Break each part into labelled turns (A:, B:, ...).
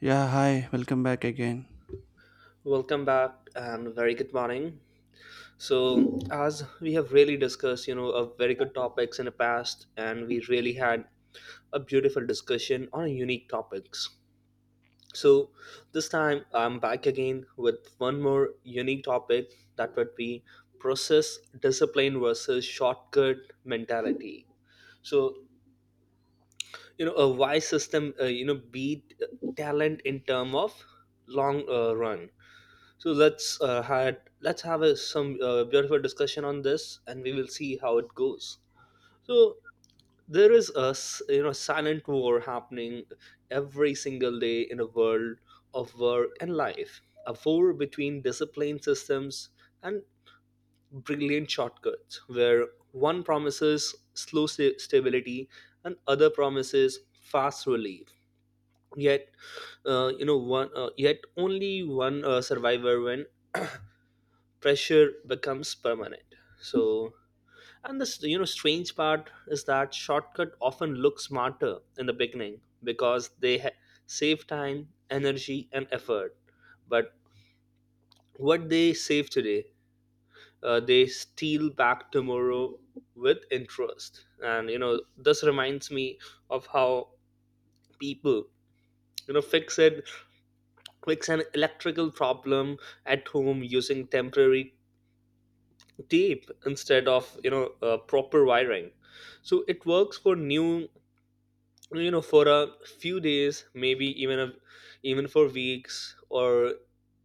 A: Yeah, hi, welcome back again.
B: Welcome back and very good morning. As we have really discussed, you know, a very good topics in the past, and we really had a beautiful discussion on unique topics. So, this time I'm back again with one more unique topic that would be process discipline versus shortcut mentality. So, you know, a wise system, you know, beat talent in term of long run. So let's have a, some beautiful discussion on this, and we will see how it goes. So there is a you know silent war happening every single day in a world of work and life, a war between disciplined systems and brilliant shortcuts, where one promises slow stability and other promises fast relief. Yet, you know, one yet only one survivor when pressure becomes permanent. So, and this you know strange part is that shortcut often looks smarter in the beginning because save time energy and effort, but what they save today they steal back tomorrow with interest. And you know this reminds me of how people you know fix an electrical problem at home using temporary tape instead of you know proper wiring. So it works for new you know for a few days, maybe even a, even for weeks, or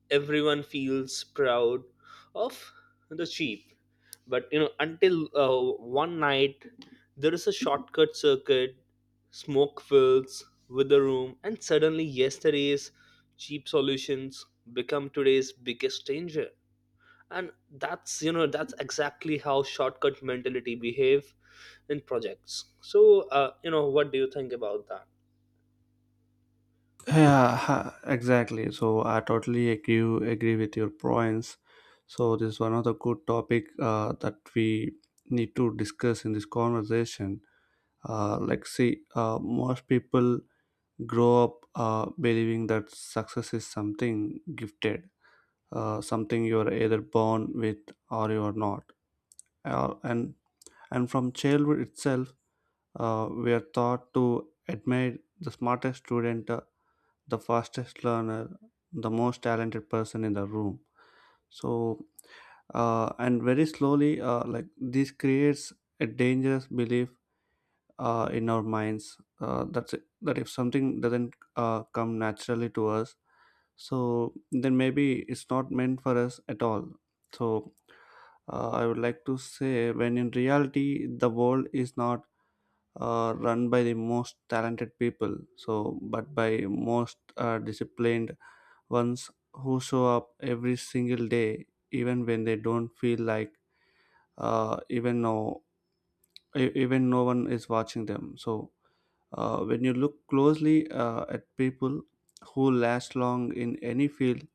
B: everyone feels proud of the cheap, but you know until one night there is a shortcut circuit, smoke fills with the room and suddenly yesterday's cheap solutions become today's biggest danger. And that's you know that's exactly how shortcut mentality behave in projects. So you know what do you think about that?
A: Yeah, exactly. So I totally agree with your points. So this is one of the good topic that we need to discuss in this conversation. Like, see, most people grow up believing that success is something gifted, something you are either born with or you are not. Uh, and and from childhood itself, we are taught to admire the smartest student, the fastest learner, the most talented person in the room. So, and very slowly, like this creates a dangerous belief in our minds, that's it, that if something doesn't come naturally to us, so then maybe it's not meant for us at all. So, I would like to say, when in reality the world is not run by the most talented people, so but by most disciplined ones who show up every single day even when they don't feel like, uh, even no even no one is watching them. So when you look closely at people who last long in any field,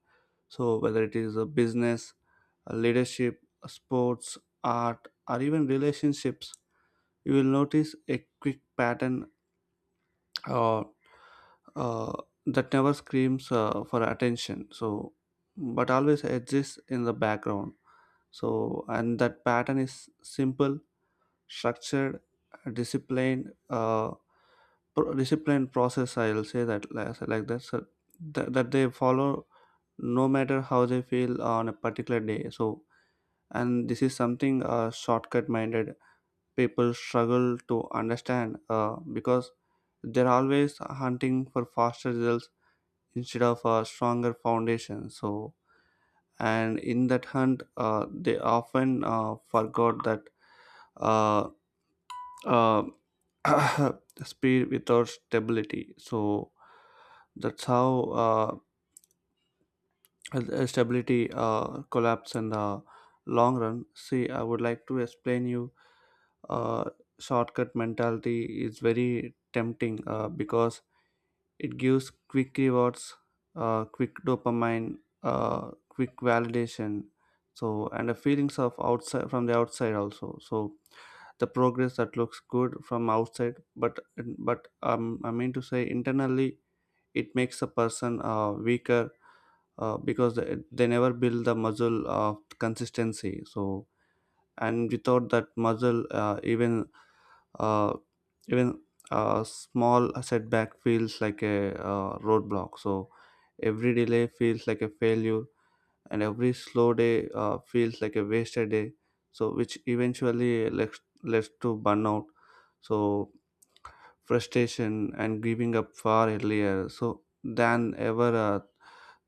A: so whether it is a business, a leadership, a sports, art, or even relationships, you will notice a quick pattern uh, uh, that never screams for attention, so but always exists in the background, so and that pattern is simple, structured, disciplined uh, disciplined process. I'll say that, like that, so that they follow no matter how they feel on a particular day. So and this is something shortcut minded people struggle to understand because they're always hunting for faster results instead of a stronger foundation. So and in that hunt they often forgot that uh, uh, speed without stability, so that's how uh, stability collapse in the long run. See, I would like to explain you, uh, shortcut mentality is very tempting because it gives quick rewards, quick dopamine, quick validation. So and the feelings of outside, from the outside also. So the progress that looks good from outside, but I mean to say, internally it makes a person weaker because they never build the muscle of consistency. So and without that muscle, uh, even a small setback feels like a, roadblock, so every delay feels like a failure, and every slow day feels like a wasted day, so which eventually leads to burnout, so frustration, and giving up far earlier so than ever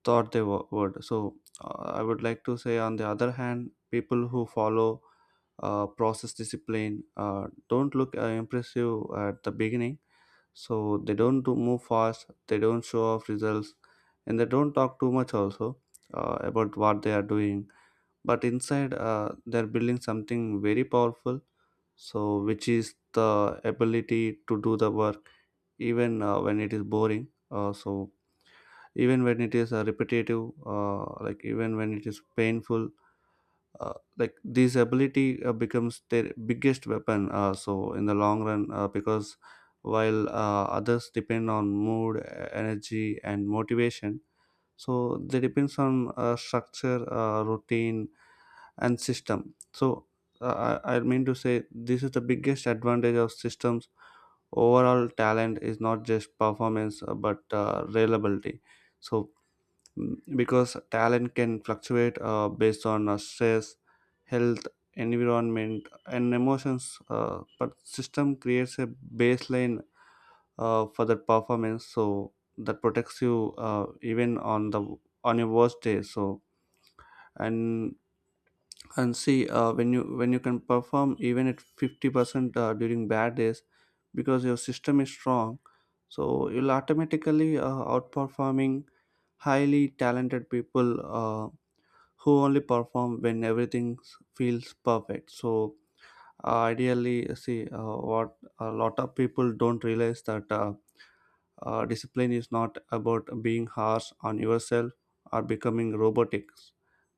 A: thought they would. So I would like to say, on the other hand, people who follow process discipline don't look impressive at the beginning. So they don't do move fast, they don't show off results, and they don't talk too much also about what they are doing. But inside, they're building something very powerful. So, which is the ability to do the work even when it is boring. So even when it is repetitive, like, even when it is painful, like this ability becomes their biggest weapon, so in the long run, because while others depend on mood, energy, and motivation, so they depends on structure, routine, and system. So I mean to say, this is the biggest advantage of systems overall. Talent is not just performance, but reliability. So Mm, because talent can fluctuate based on stress, health, environment, and emotions, but system creates a baseline for the performance, so that protects you even on your worst day. So and and see, when you can perform even at 50% during bad days because your system is strong, so you'll automatically outperforming highly talented people, who only perform when everything feels perfect. So ideally, see, what a lot of people don't realize that discipline is not about being harsh on yourself or becoming robotic,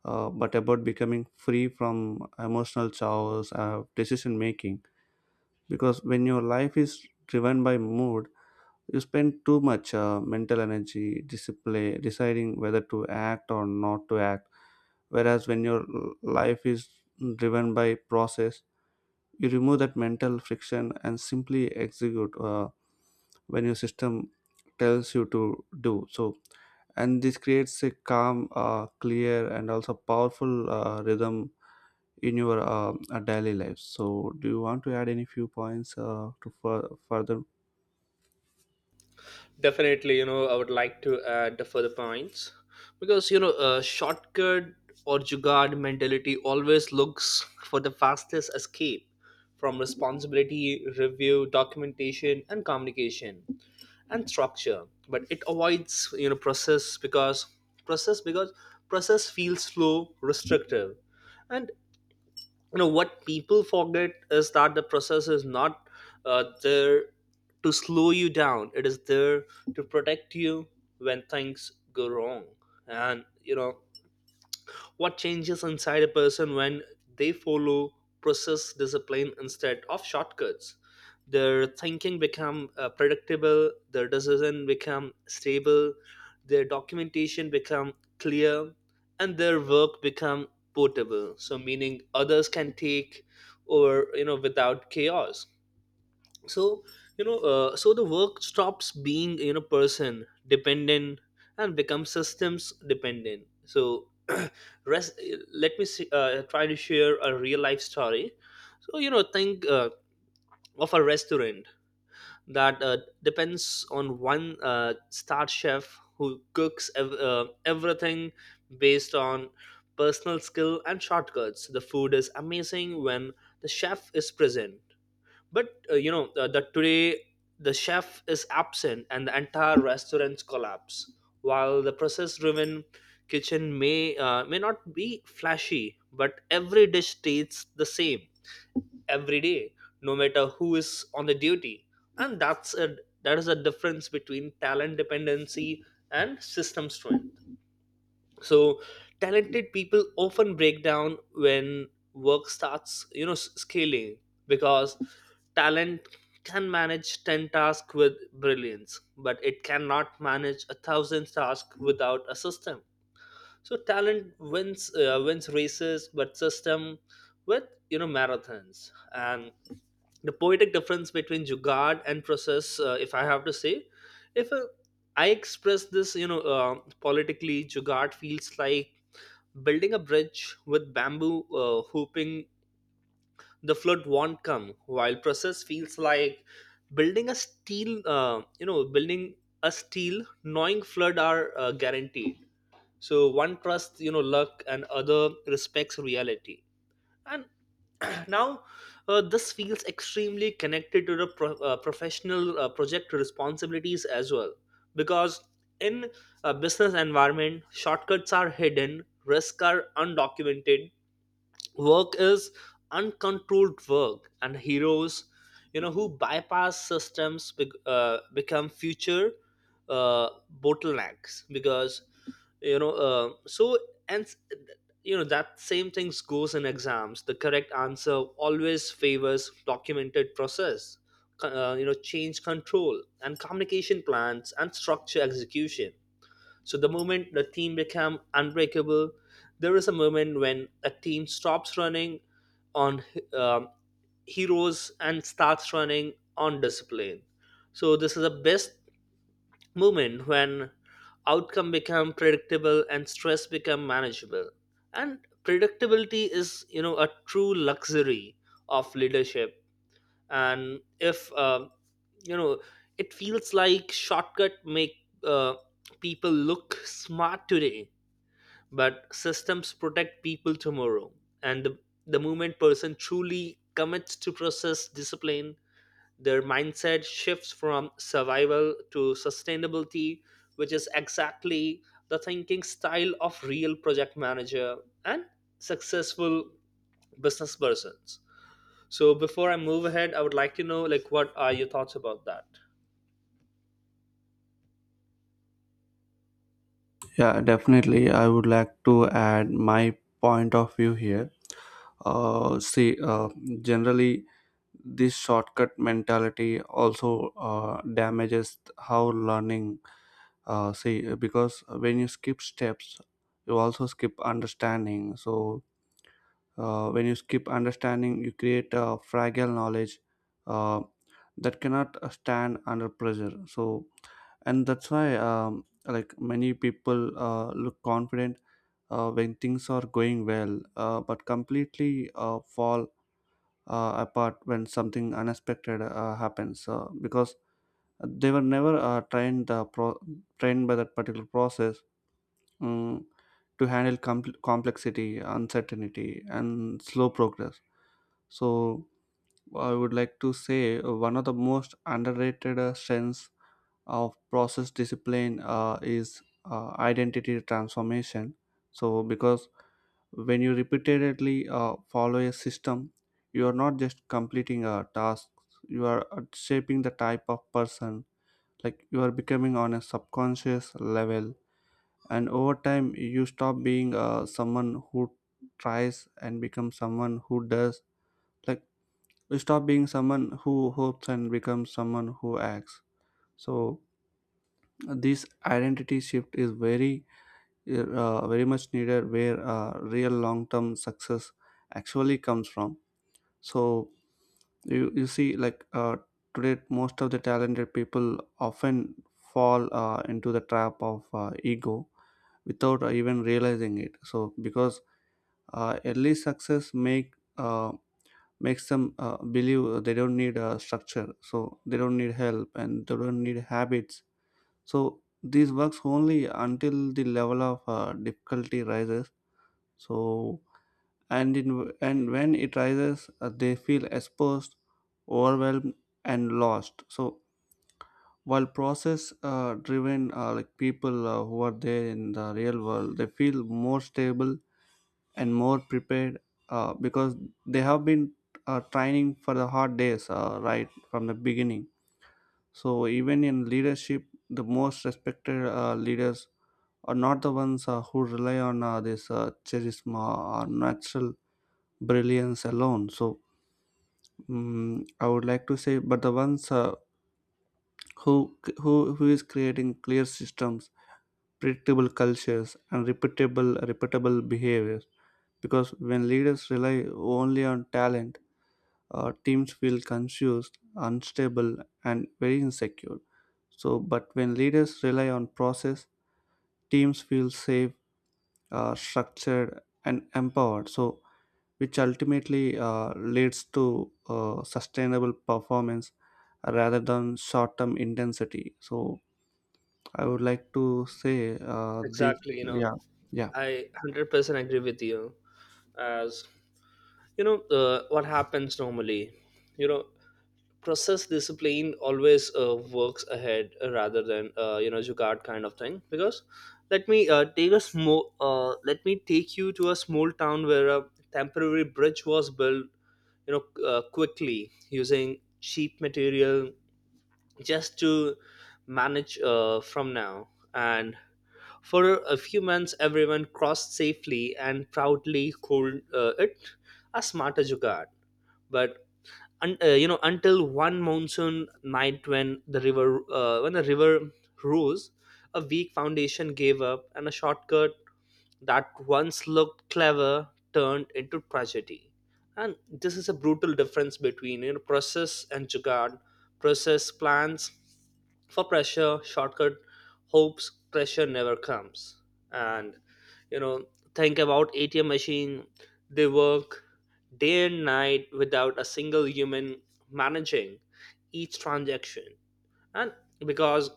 A: but about becoming free from emotional chaos of decision making. Because when your life is driven by mood, you spend too much mental energy display deciding whether to act or not to act, whereas when your life is driven by process, you remove that mental friction and simply execute, when your system tells you to do so. And this creates a calm, clear, and also powerful rhythm in your daily life. So do you want to add any few points to further?
B: Definitely you know I would like to add the further points, because you know shortcut or jugaad mentality always looks for the fastest escape from responsibility review documentation and communication and structure, but it avoids you know process because process because process feels slow restrictive. And you know what people forget is that the process is not there to slow you down, it is there to protect you when things go wrong. And you know what changes inside a person when they follow process discipline instead of shortcuts? Their thinking become predictable, their decision become stable, their documentation become clear, and their work become portable, so meaning others can take over you know without chaos. So you know so the work stops being you know person dependent and becomes systems dependent. So rest, let me see, try to share a real life story. So you know think of a restaurant that depends on one star chef who cooks everything based on personal skill and shortcuts. The food is amazing when the chef is present, but you know that today the chef is absent and the entire restaurants collapse, while the process driven kitchen may not be flashy but every dish tastes the same every day, no matter who is on the duty. And that is a difference between talent dependency and system strength. So talented people often break down when work starts you know scaling, because talent can manage 10 tasks with brilliance but it cannot manage 1,000 tasks without a system. So talent wins wins races but system with you know marathons. And the poetic difference between jugad and process, if I have to say, if I express this, you know, politically. Jugad feels like building a bridge with bamboo hooping, the flood won't come. While process feels like building a steel, knowing flood are guaranteed. So one trusts, you know, luck, and other respects reality. And now, this feels extremely connected to the professional project responsibilities as well, because in a business environment, shortcuts are hidden, risks are undocumented, work is uncontrolled, work and heroes you know who bypass systems become future uh, bottlenecks, because you know so and you know that same things goes in exams. The correct answer always favors documented process, you know change control and communication plans and structure execution. So the moment the team become unbreakable, there is a moment when a team stops running on um, heroes and starts running on discipline. So this is the best moment when outcome become predictable and stress become manageable. And predictability is you know a true luxury of leadership. And if you know, it feels like shortcut make uh, people look smart today but systems protect people tomorrow. And the moment person truly commits to process discipline, their mindset shifts from survival to sustainability, which is exactly the thinking style of real project manager and successful business persons. So before I move ahead I would like to know like what are your thoughts about that?
A: Yeah, definitely, I would like to add my point of view here. See, generally this shortcut mentality also damages how learning. See, because when you skip steps, you also skip understanding. So when you skip understanding, you create a fragile knowledge uh, that cannot stand under pressure. So and that's why like, many people look confident when things are going well, but completely fall apart when something unexpected happens, because they were never trained by that particular process, um, to handle complexity, uncertainty, and slow progress. So I would like to say one of the most underrated strengths of process discipline is identity transformation. So because when you repeatedly follow a system, you are not just completing a task, you are shaping the type of person, like, you are becoming on a subconscious level. And over time, you stop being someone who tries and become someone who does. Like, you stop being someone who hopes and becomes someone who acts. So this identity shift is very, very much needed, where real long term success actually comes from. So you see, like, today most of the talented people often fall into the trap of ego without even realizing it, so because early success makes them believe they don't need a structure, so they don't need help, and they don't need habits. So this works only until the level of difficulty rises, so and when it rises, they feel exposed, overwhelmed, and lost. So while process driven, like, people who are there in the real world, they feel more stable and more prepared, because they have been training for the hard days right from the beginning. So even in leadership, the most respected leaders are not the ones who rely on this charisma or natural brilliance alone. So Mm, I would like to say, but the ones who is creating clear systems, predictable cultures, and repeatable behaviors. Because when leaders rely only on talent, teams feel confused, unstable, and very insecure. So, but when leaders rely on process, teams feel safe, structured, and empowered. So, which ultimately leads to sustainable performance rather than short term intensity. So, I would like to say this,
B: Exactly, you know,
A: yeah, yeah.
B: I 100% agree with you. As you know what happens normally you know process discipline always works ahead rather than you know jugaad kind of thing. Because let me take you to a small town where a temporary bridge was built, you know, quickly, using cheap material just to manage from now. And for a few months everyone crossed safely and proudly called it a smarter jugaad, but you know until one monsoon night when the river rose, a weak foundation gave up and a shortcut that once looked clever turned into tragedy. And this is a brutal difference between you know, process and jugaad. Process plans for pressure, shortcut hopes, pressure never comes. And you know, think about ATM machine. They work day and night without a single human managing each transaction. And because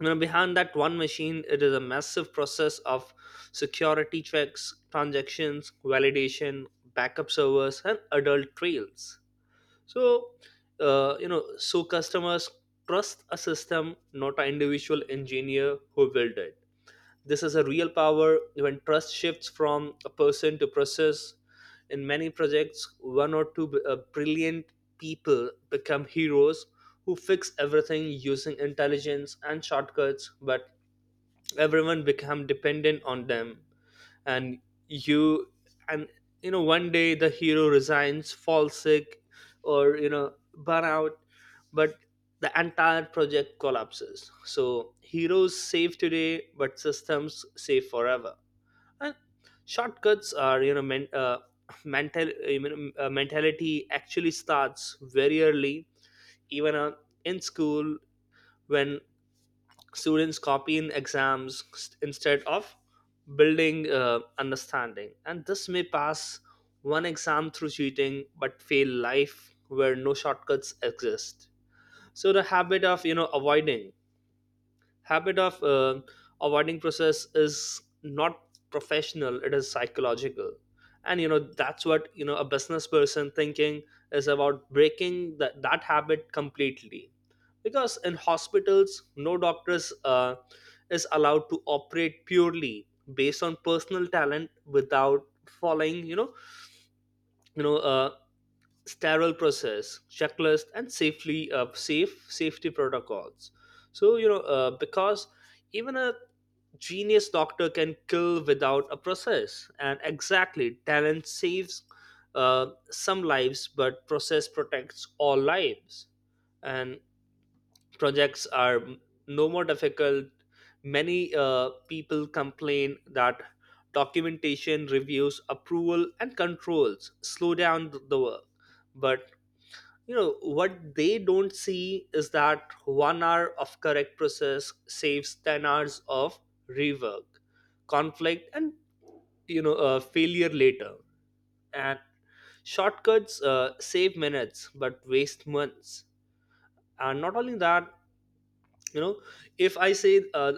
B: you know, behind that one machine it is a massive process of security checks, transactions validation, backup servers and adult trails. So you know so customers trust a system, not an individual engineer who built it. This is a real power when trust shifts from a person to process. In many projects one or two brilliant people become heroes who fix everything using intelligence and shortcuts, but everyone become dependent on them. And you and you know one day the hero resigns, falls sick, or you know burn out, but the entire project collapses. So heroes save today but systems save forever. And shortcuts are you know mentality actually starts very early, even in school, when students copying exams instead of building understanding. And this may pass one exam through cheating but fail life where no shortcuts exist. So the habit of you know avoiding habit of avoiding process is not professional, it is psychological. And you know that's what you know a business person thinking is about breaking that habit completely. Because in hospitals no doctors is allowed to operate purely based on personal talent without following you know sterile process checklist and safely safe safety protocols. So you know because even a genius doctor can kill without a process. And exactly talent saves some lives but process protects all lives. And projects are no more difficult. Many people complain that documentation reviews approval and controls slow down the work, but you know what they don't see is that 1 hour of correct process saves 10 hours of rework, conflict and you know failure later. And shortcuts save minutes but waste months. And not only that, you know, if I say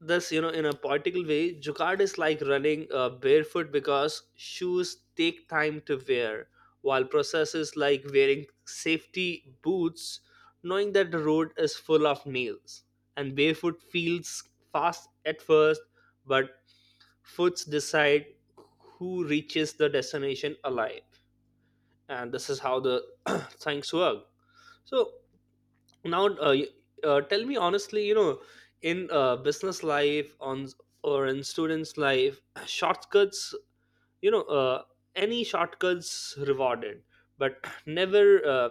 B: this you know in a particular way, jugad is like running barefoot because shoes take time to wear, while processes like wearing safety boots, knowing that the road is full of nails. And barefoot feels fast at first, but foots decide who reaches the destination alive. And this is how the things work. So now tell me honestly you know in business life on or in students life shortcuts you know any shortcuts rewarded but never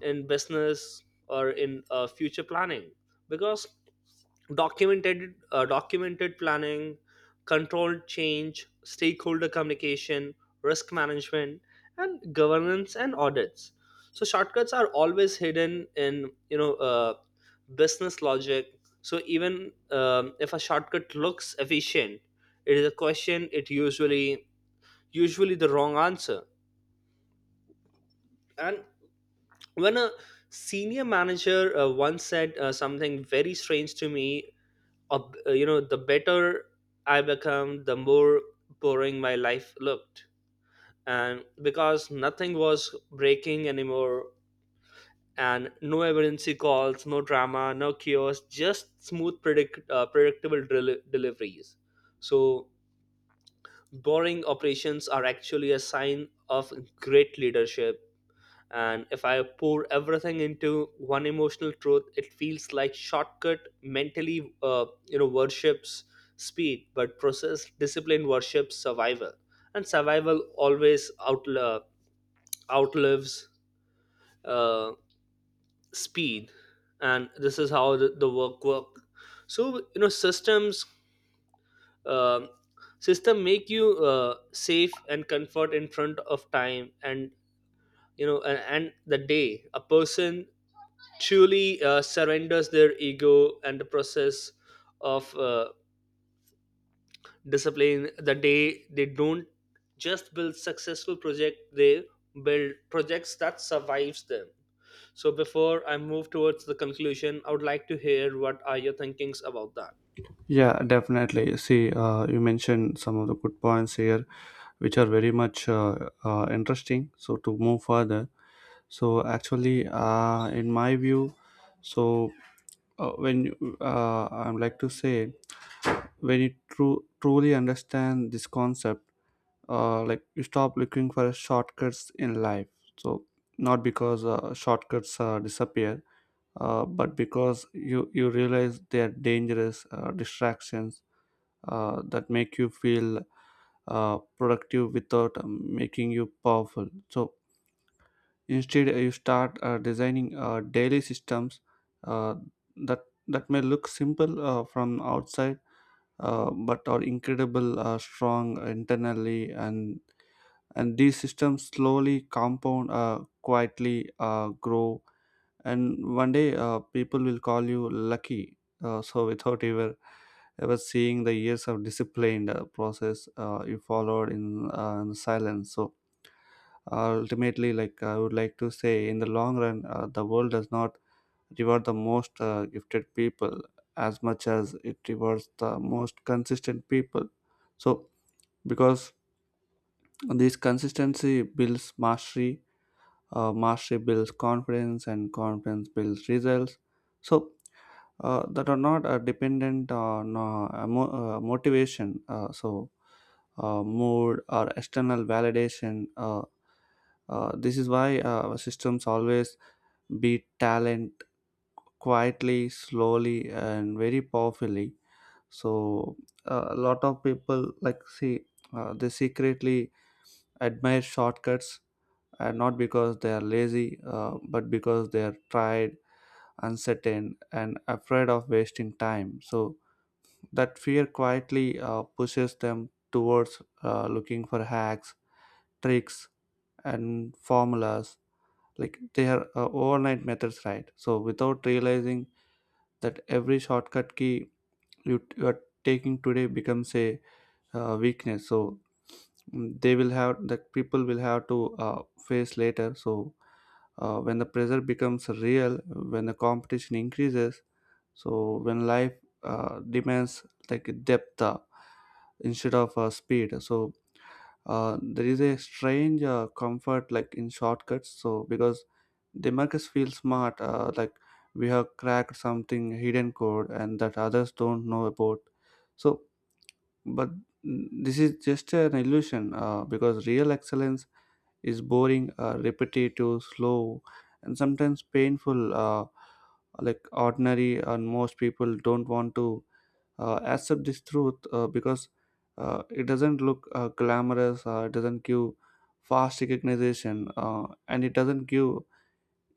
B: in business or in future planning, because documented planning, controlled change, stakeholder communication, risk management and governance and audits. So shortcuts are always hidden in you know business logic. So even if a shortcut looks efficient, it is a question, it usually the wrong answer. And when a senior manager once said something very strange to me, you know the better I become the more boring my life looked. And because nothing was breaking anymore and no emergency calls, no drama, no chaos, just smooth predictable deliveries. So boring operations are actually a sign of great leadership. And if I pour everything into one emotional truth, it feels like shortcut mentally you know worships speed but process discipline worships survival. And survival always outlives uh, speed. And this is how the work. So you know systems um system make you safe and comfort in front of time. And you know and the day a person truly surrenders their ego and the process of discipline, the day they don't just build successful project, they build projects that survives them. So before I move towards the conclusion I would like to hear what are your thinkings about that?
A: Yeah, definitely. See, you mentioned some of the good points here, which are very much interesting. So to move further, so actually, in my view, so I would like to say, when you truly understand this concept, like, you stop looking for shortcuts in life, so not because shortcuts disappear, but because you realize they are dangerous distractions that make you feel productive without making you powerful. So instead you start designing daily systems, uh, that may look simple from outside, but are incredible strong internally. And these systems slowly compound, quietly grow, and one day people will call you lucky, so without ever seeing the years of disciplined process you followed in silence. So ultimately, like, I would like to say, in the long run the world does not reward the most gifted people as much as it rewards the most consistent people. So because this consistency builds mastery, mastery builds confidence, and confidence builds results, so that are not dependent on motivation, so mood or external validation. This is why our systems always beat talent, quietly, slowly, and very powerfully. So a lot of people, like, see, they secretly admire shortcuts, and not because they are lazy, but because they are tired, uncertain, and afraid of wasting time. So that fear quietly pushes them towards looking for hacks, tricks, and formulas. Like, they are overnight methods, right? So without realizing that every shortcut key you are taking today becomes a weakness. So mm, they will have that, people will have to face later. So when the pressure becomes real, when the competition increases, so when life demands, like, depth, instead of speed, so there is a strange comfort, like, in shortcuts, so because demarcus feels smart, like we have cracked something hidden code, and that others don't know about. So but mm, this is just an illusion because real excellence is boring, repetitive, slow, and sometimes painful. Like, ordinary, and most people don't want to accept this truth because it doesn't look glamorous, it doesn't give fast recognition, and it doesn't give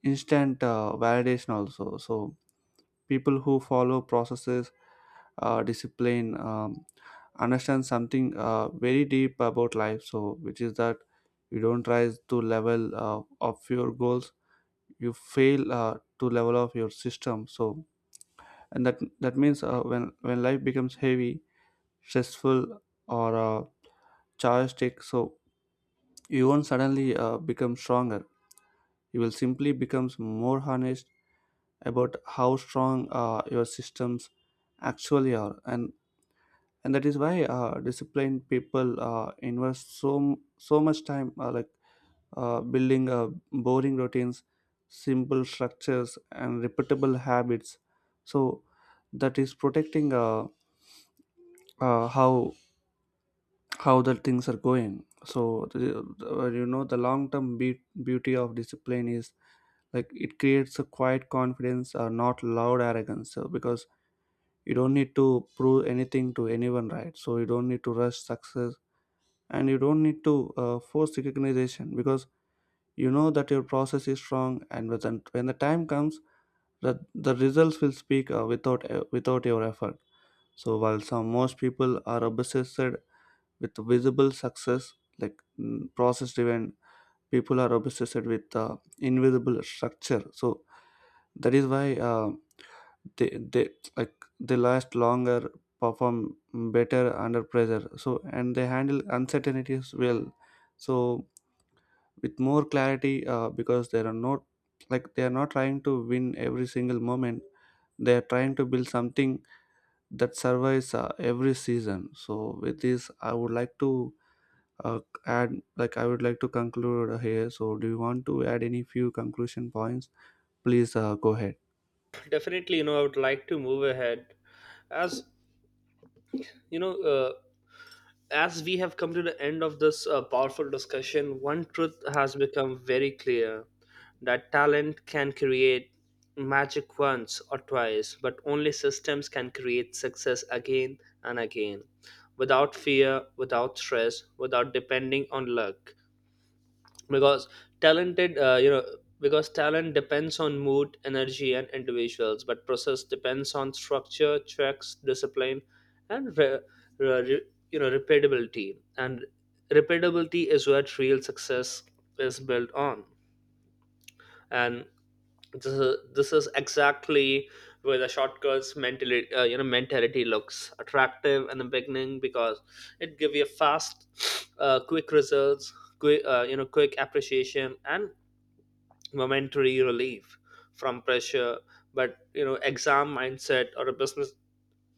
A: instant validation also. So people who follow processes discipline understand something very deep about life, so which is that you don't rise to level of your goals, you fail to level of your system. So and that means, when life becomes heavy, stressful, or charged, so you won't suddenly become stronger, you will simply becomes more honest about how strong your systems actually are. And that is why disciplined people invest so so much time, like, building boring routines, simple structures, and repeatable habits, so that is protecting how the things are going. So the, the the long term beauty of discipline is, like, it creates a quiet confidence, not loud arrogance, so because you don't need to prove anything to anyone, right? So you don't need to rush success, and you don't need to force recognition, because you know that your process is strong, and when the time comes that the results will speak, without without your effort. So while some, most people are obsessed with visible success, like, mm, process driven people are obsessed with invisible structure. So that is why they they like they last longer, perform better under pressure, so and they handle uncertainties well, so with more clarity, because they are not trying to win every single moment, they are trying to build something that survives every season. So with this I would like to uh, add, like, I would like to conclude here. So do you want to add any few conclusion points? Please go ahead.
B: Definitely you know I would like to move ahead. As you know as we have come to the end of this powerful discussion, one truth has become very clear, that talent can create magic once or twice, but only systems can create success again and again, without fear, without stress, without depending on luck. Because talented you know because talent depends on mood, energy and individuals, but process depends on structure, checks, discipline and re- you know repeatability. And repeatability is what real success is built on. And this is exactly where the shortcuts mentally you know mentality looks attractive in the beginning, because it give you fast quick results, quick you know quick appreciation and momentary relief from pressure. But you know exam mindset or a business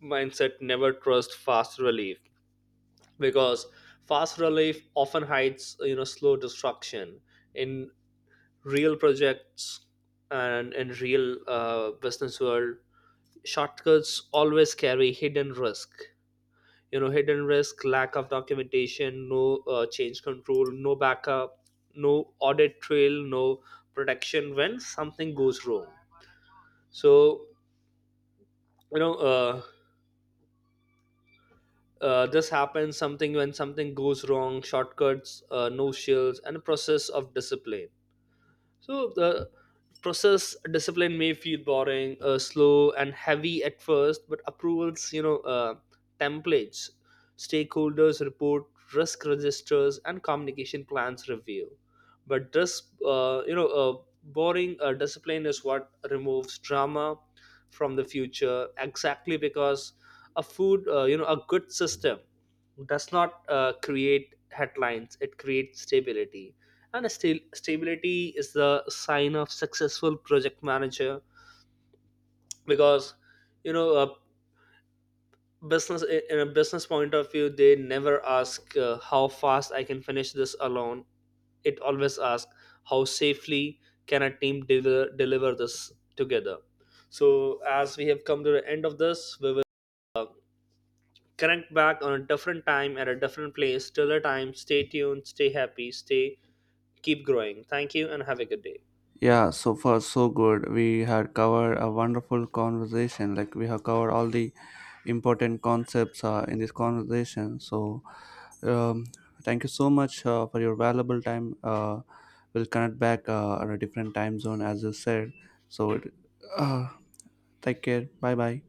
B: mindset never trust fast relief, because fast relief often hides you know slow destruction in real projects and in real business world. Shortcuts always carry hidden risk, you know hidden risk, lack of documentation, no change control, no backup, no audit trail, no protection when something goes wrong. So you know this happens something when something goes wrong, shortcuts no shills and a process of discipline. So the process discipline may feel boring, slow, and heavy at first, but approvals, you know, templates, stakeholders report, risk registers, and communication plans review. But this, you know, boring discipline is what removes drama from the future, exactly because a you know, a good system does not create headlines; it creates stability. And stability is the sign of successful project manager. Because you know a business in a business point of view, they never ask how fast I can finish this alone, it always asks how safely can a team deliver this together. So as we have come to the end of this, we will connect back on a different time at a different place. Till the time, stay tuned, stay happy, stay keep growing. Thank you and have a good day.
A: Yeah, so far so good. We had covered a wonderful conversation. Like we have covered all the important concepts in this conversation. So, um, thank you so much for your valuable time. We'll connect back at a different time zone, as you said. So, it, uh, take care. Bye bye.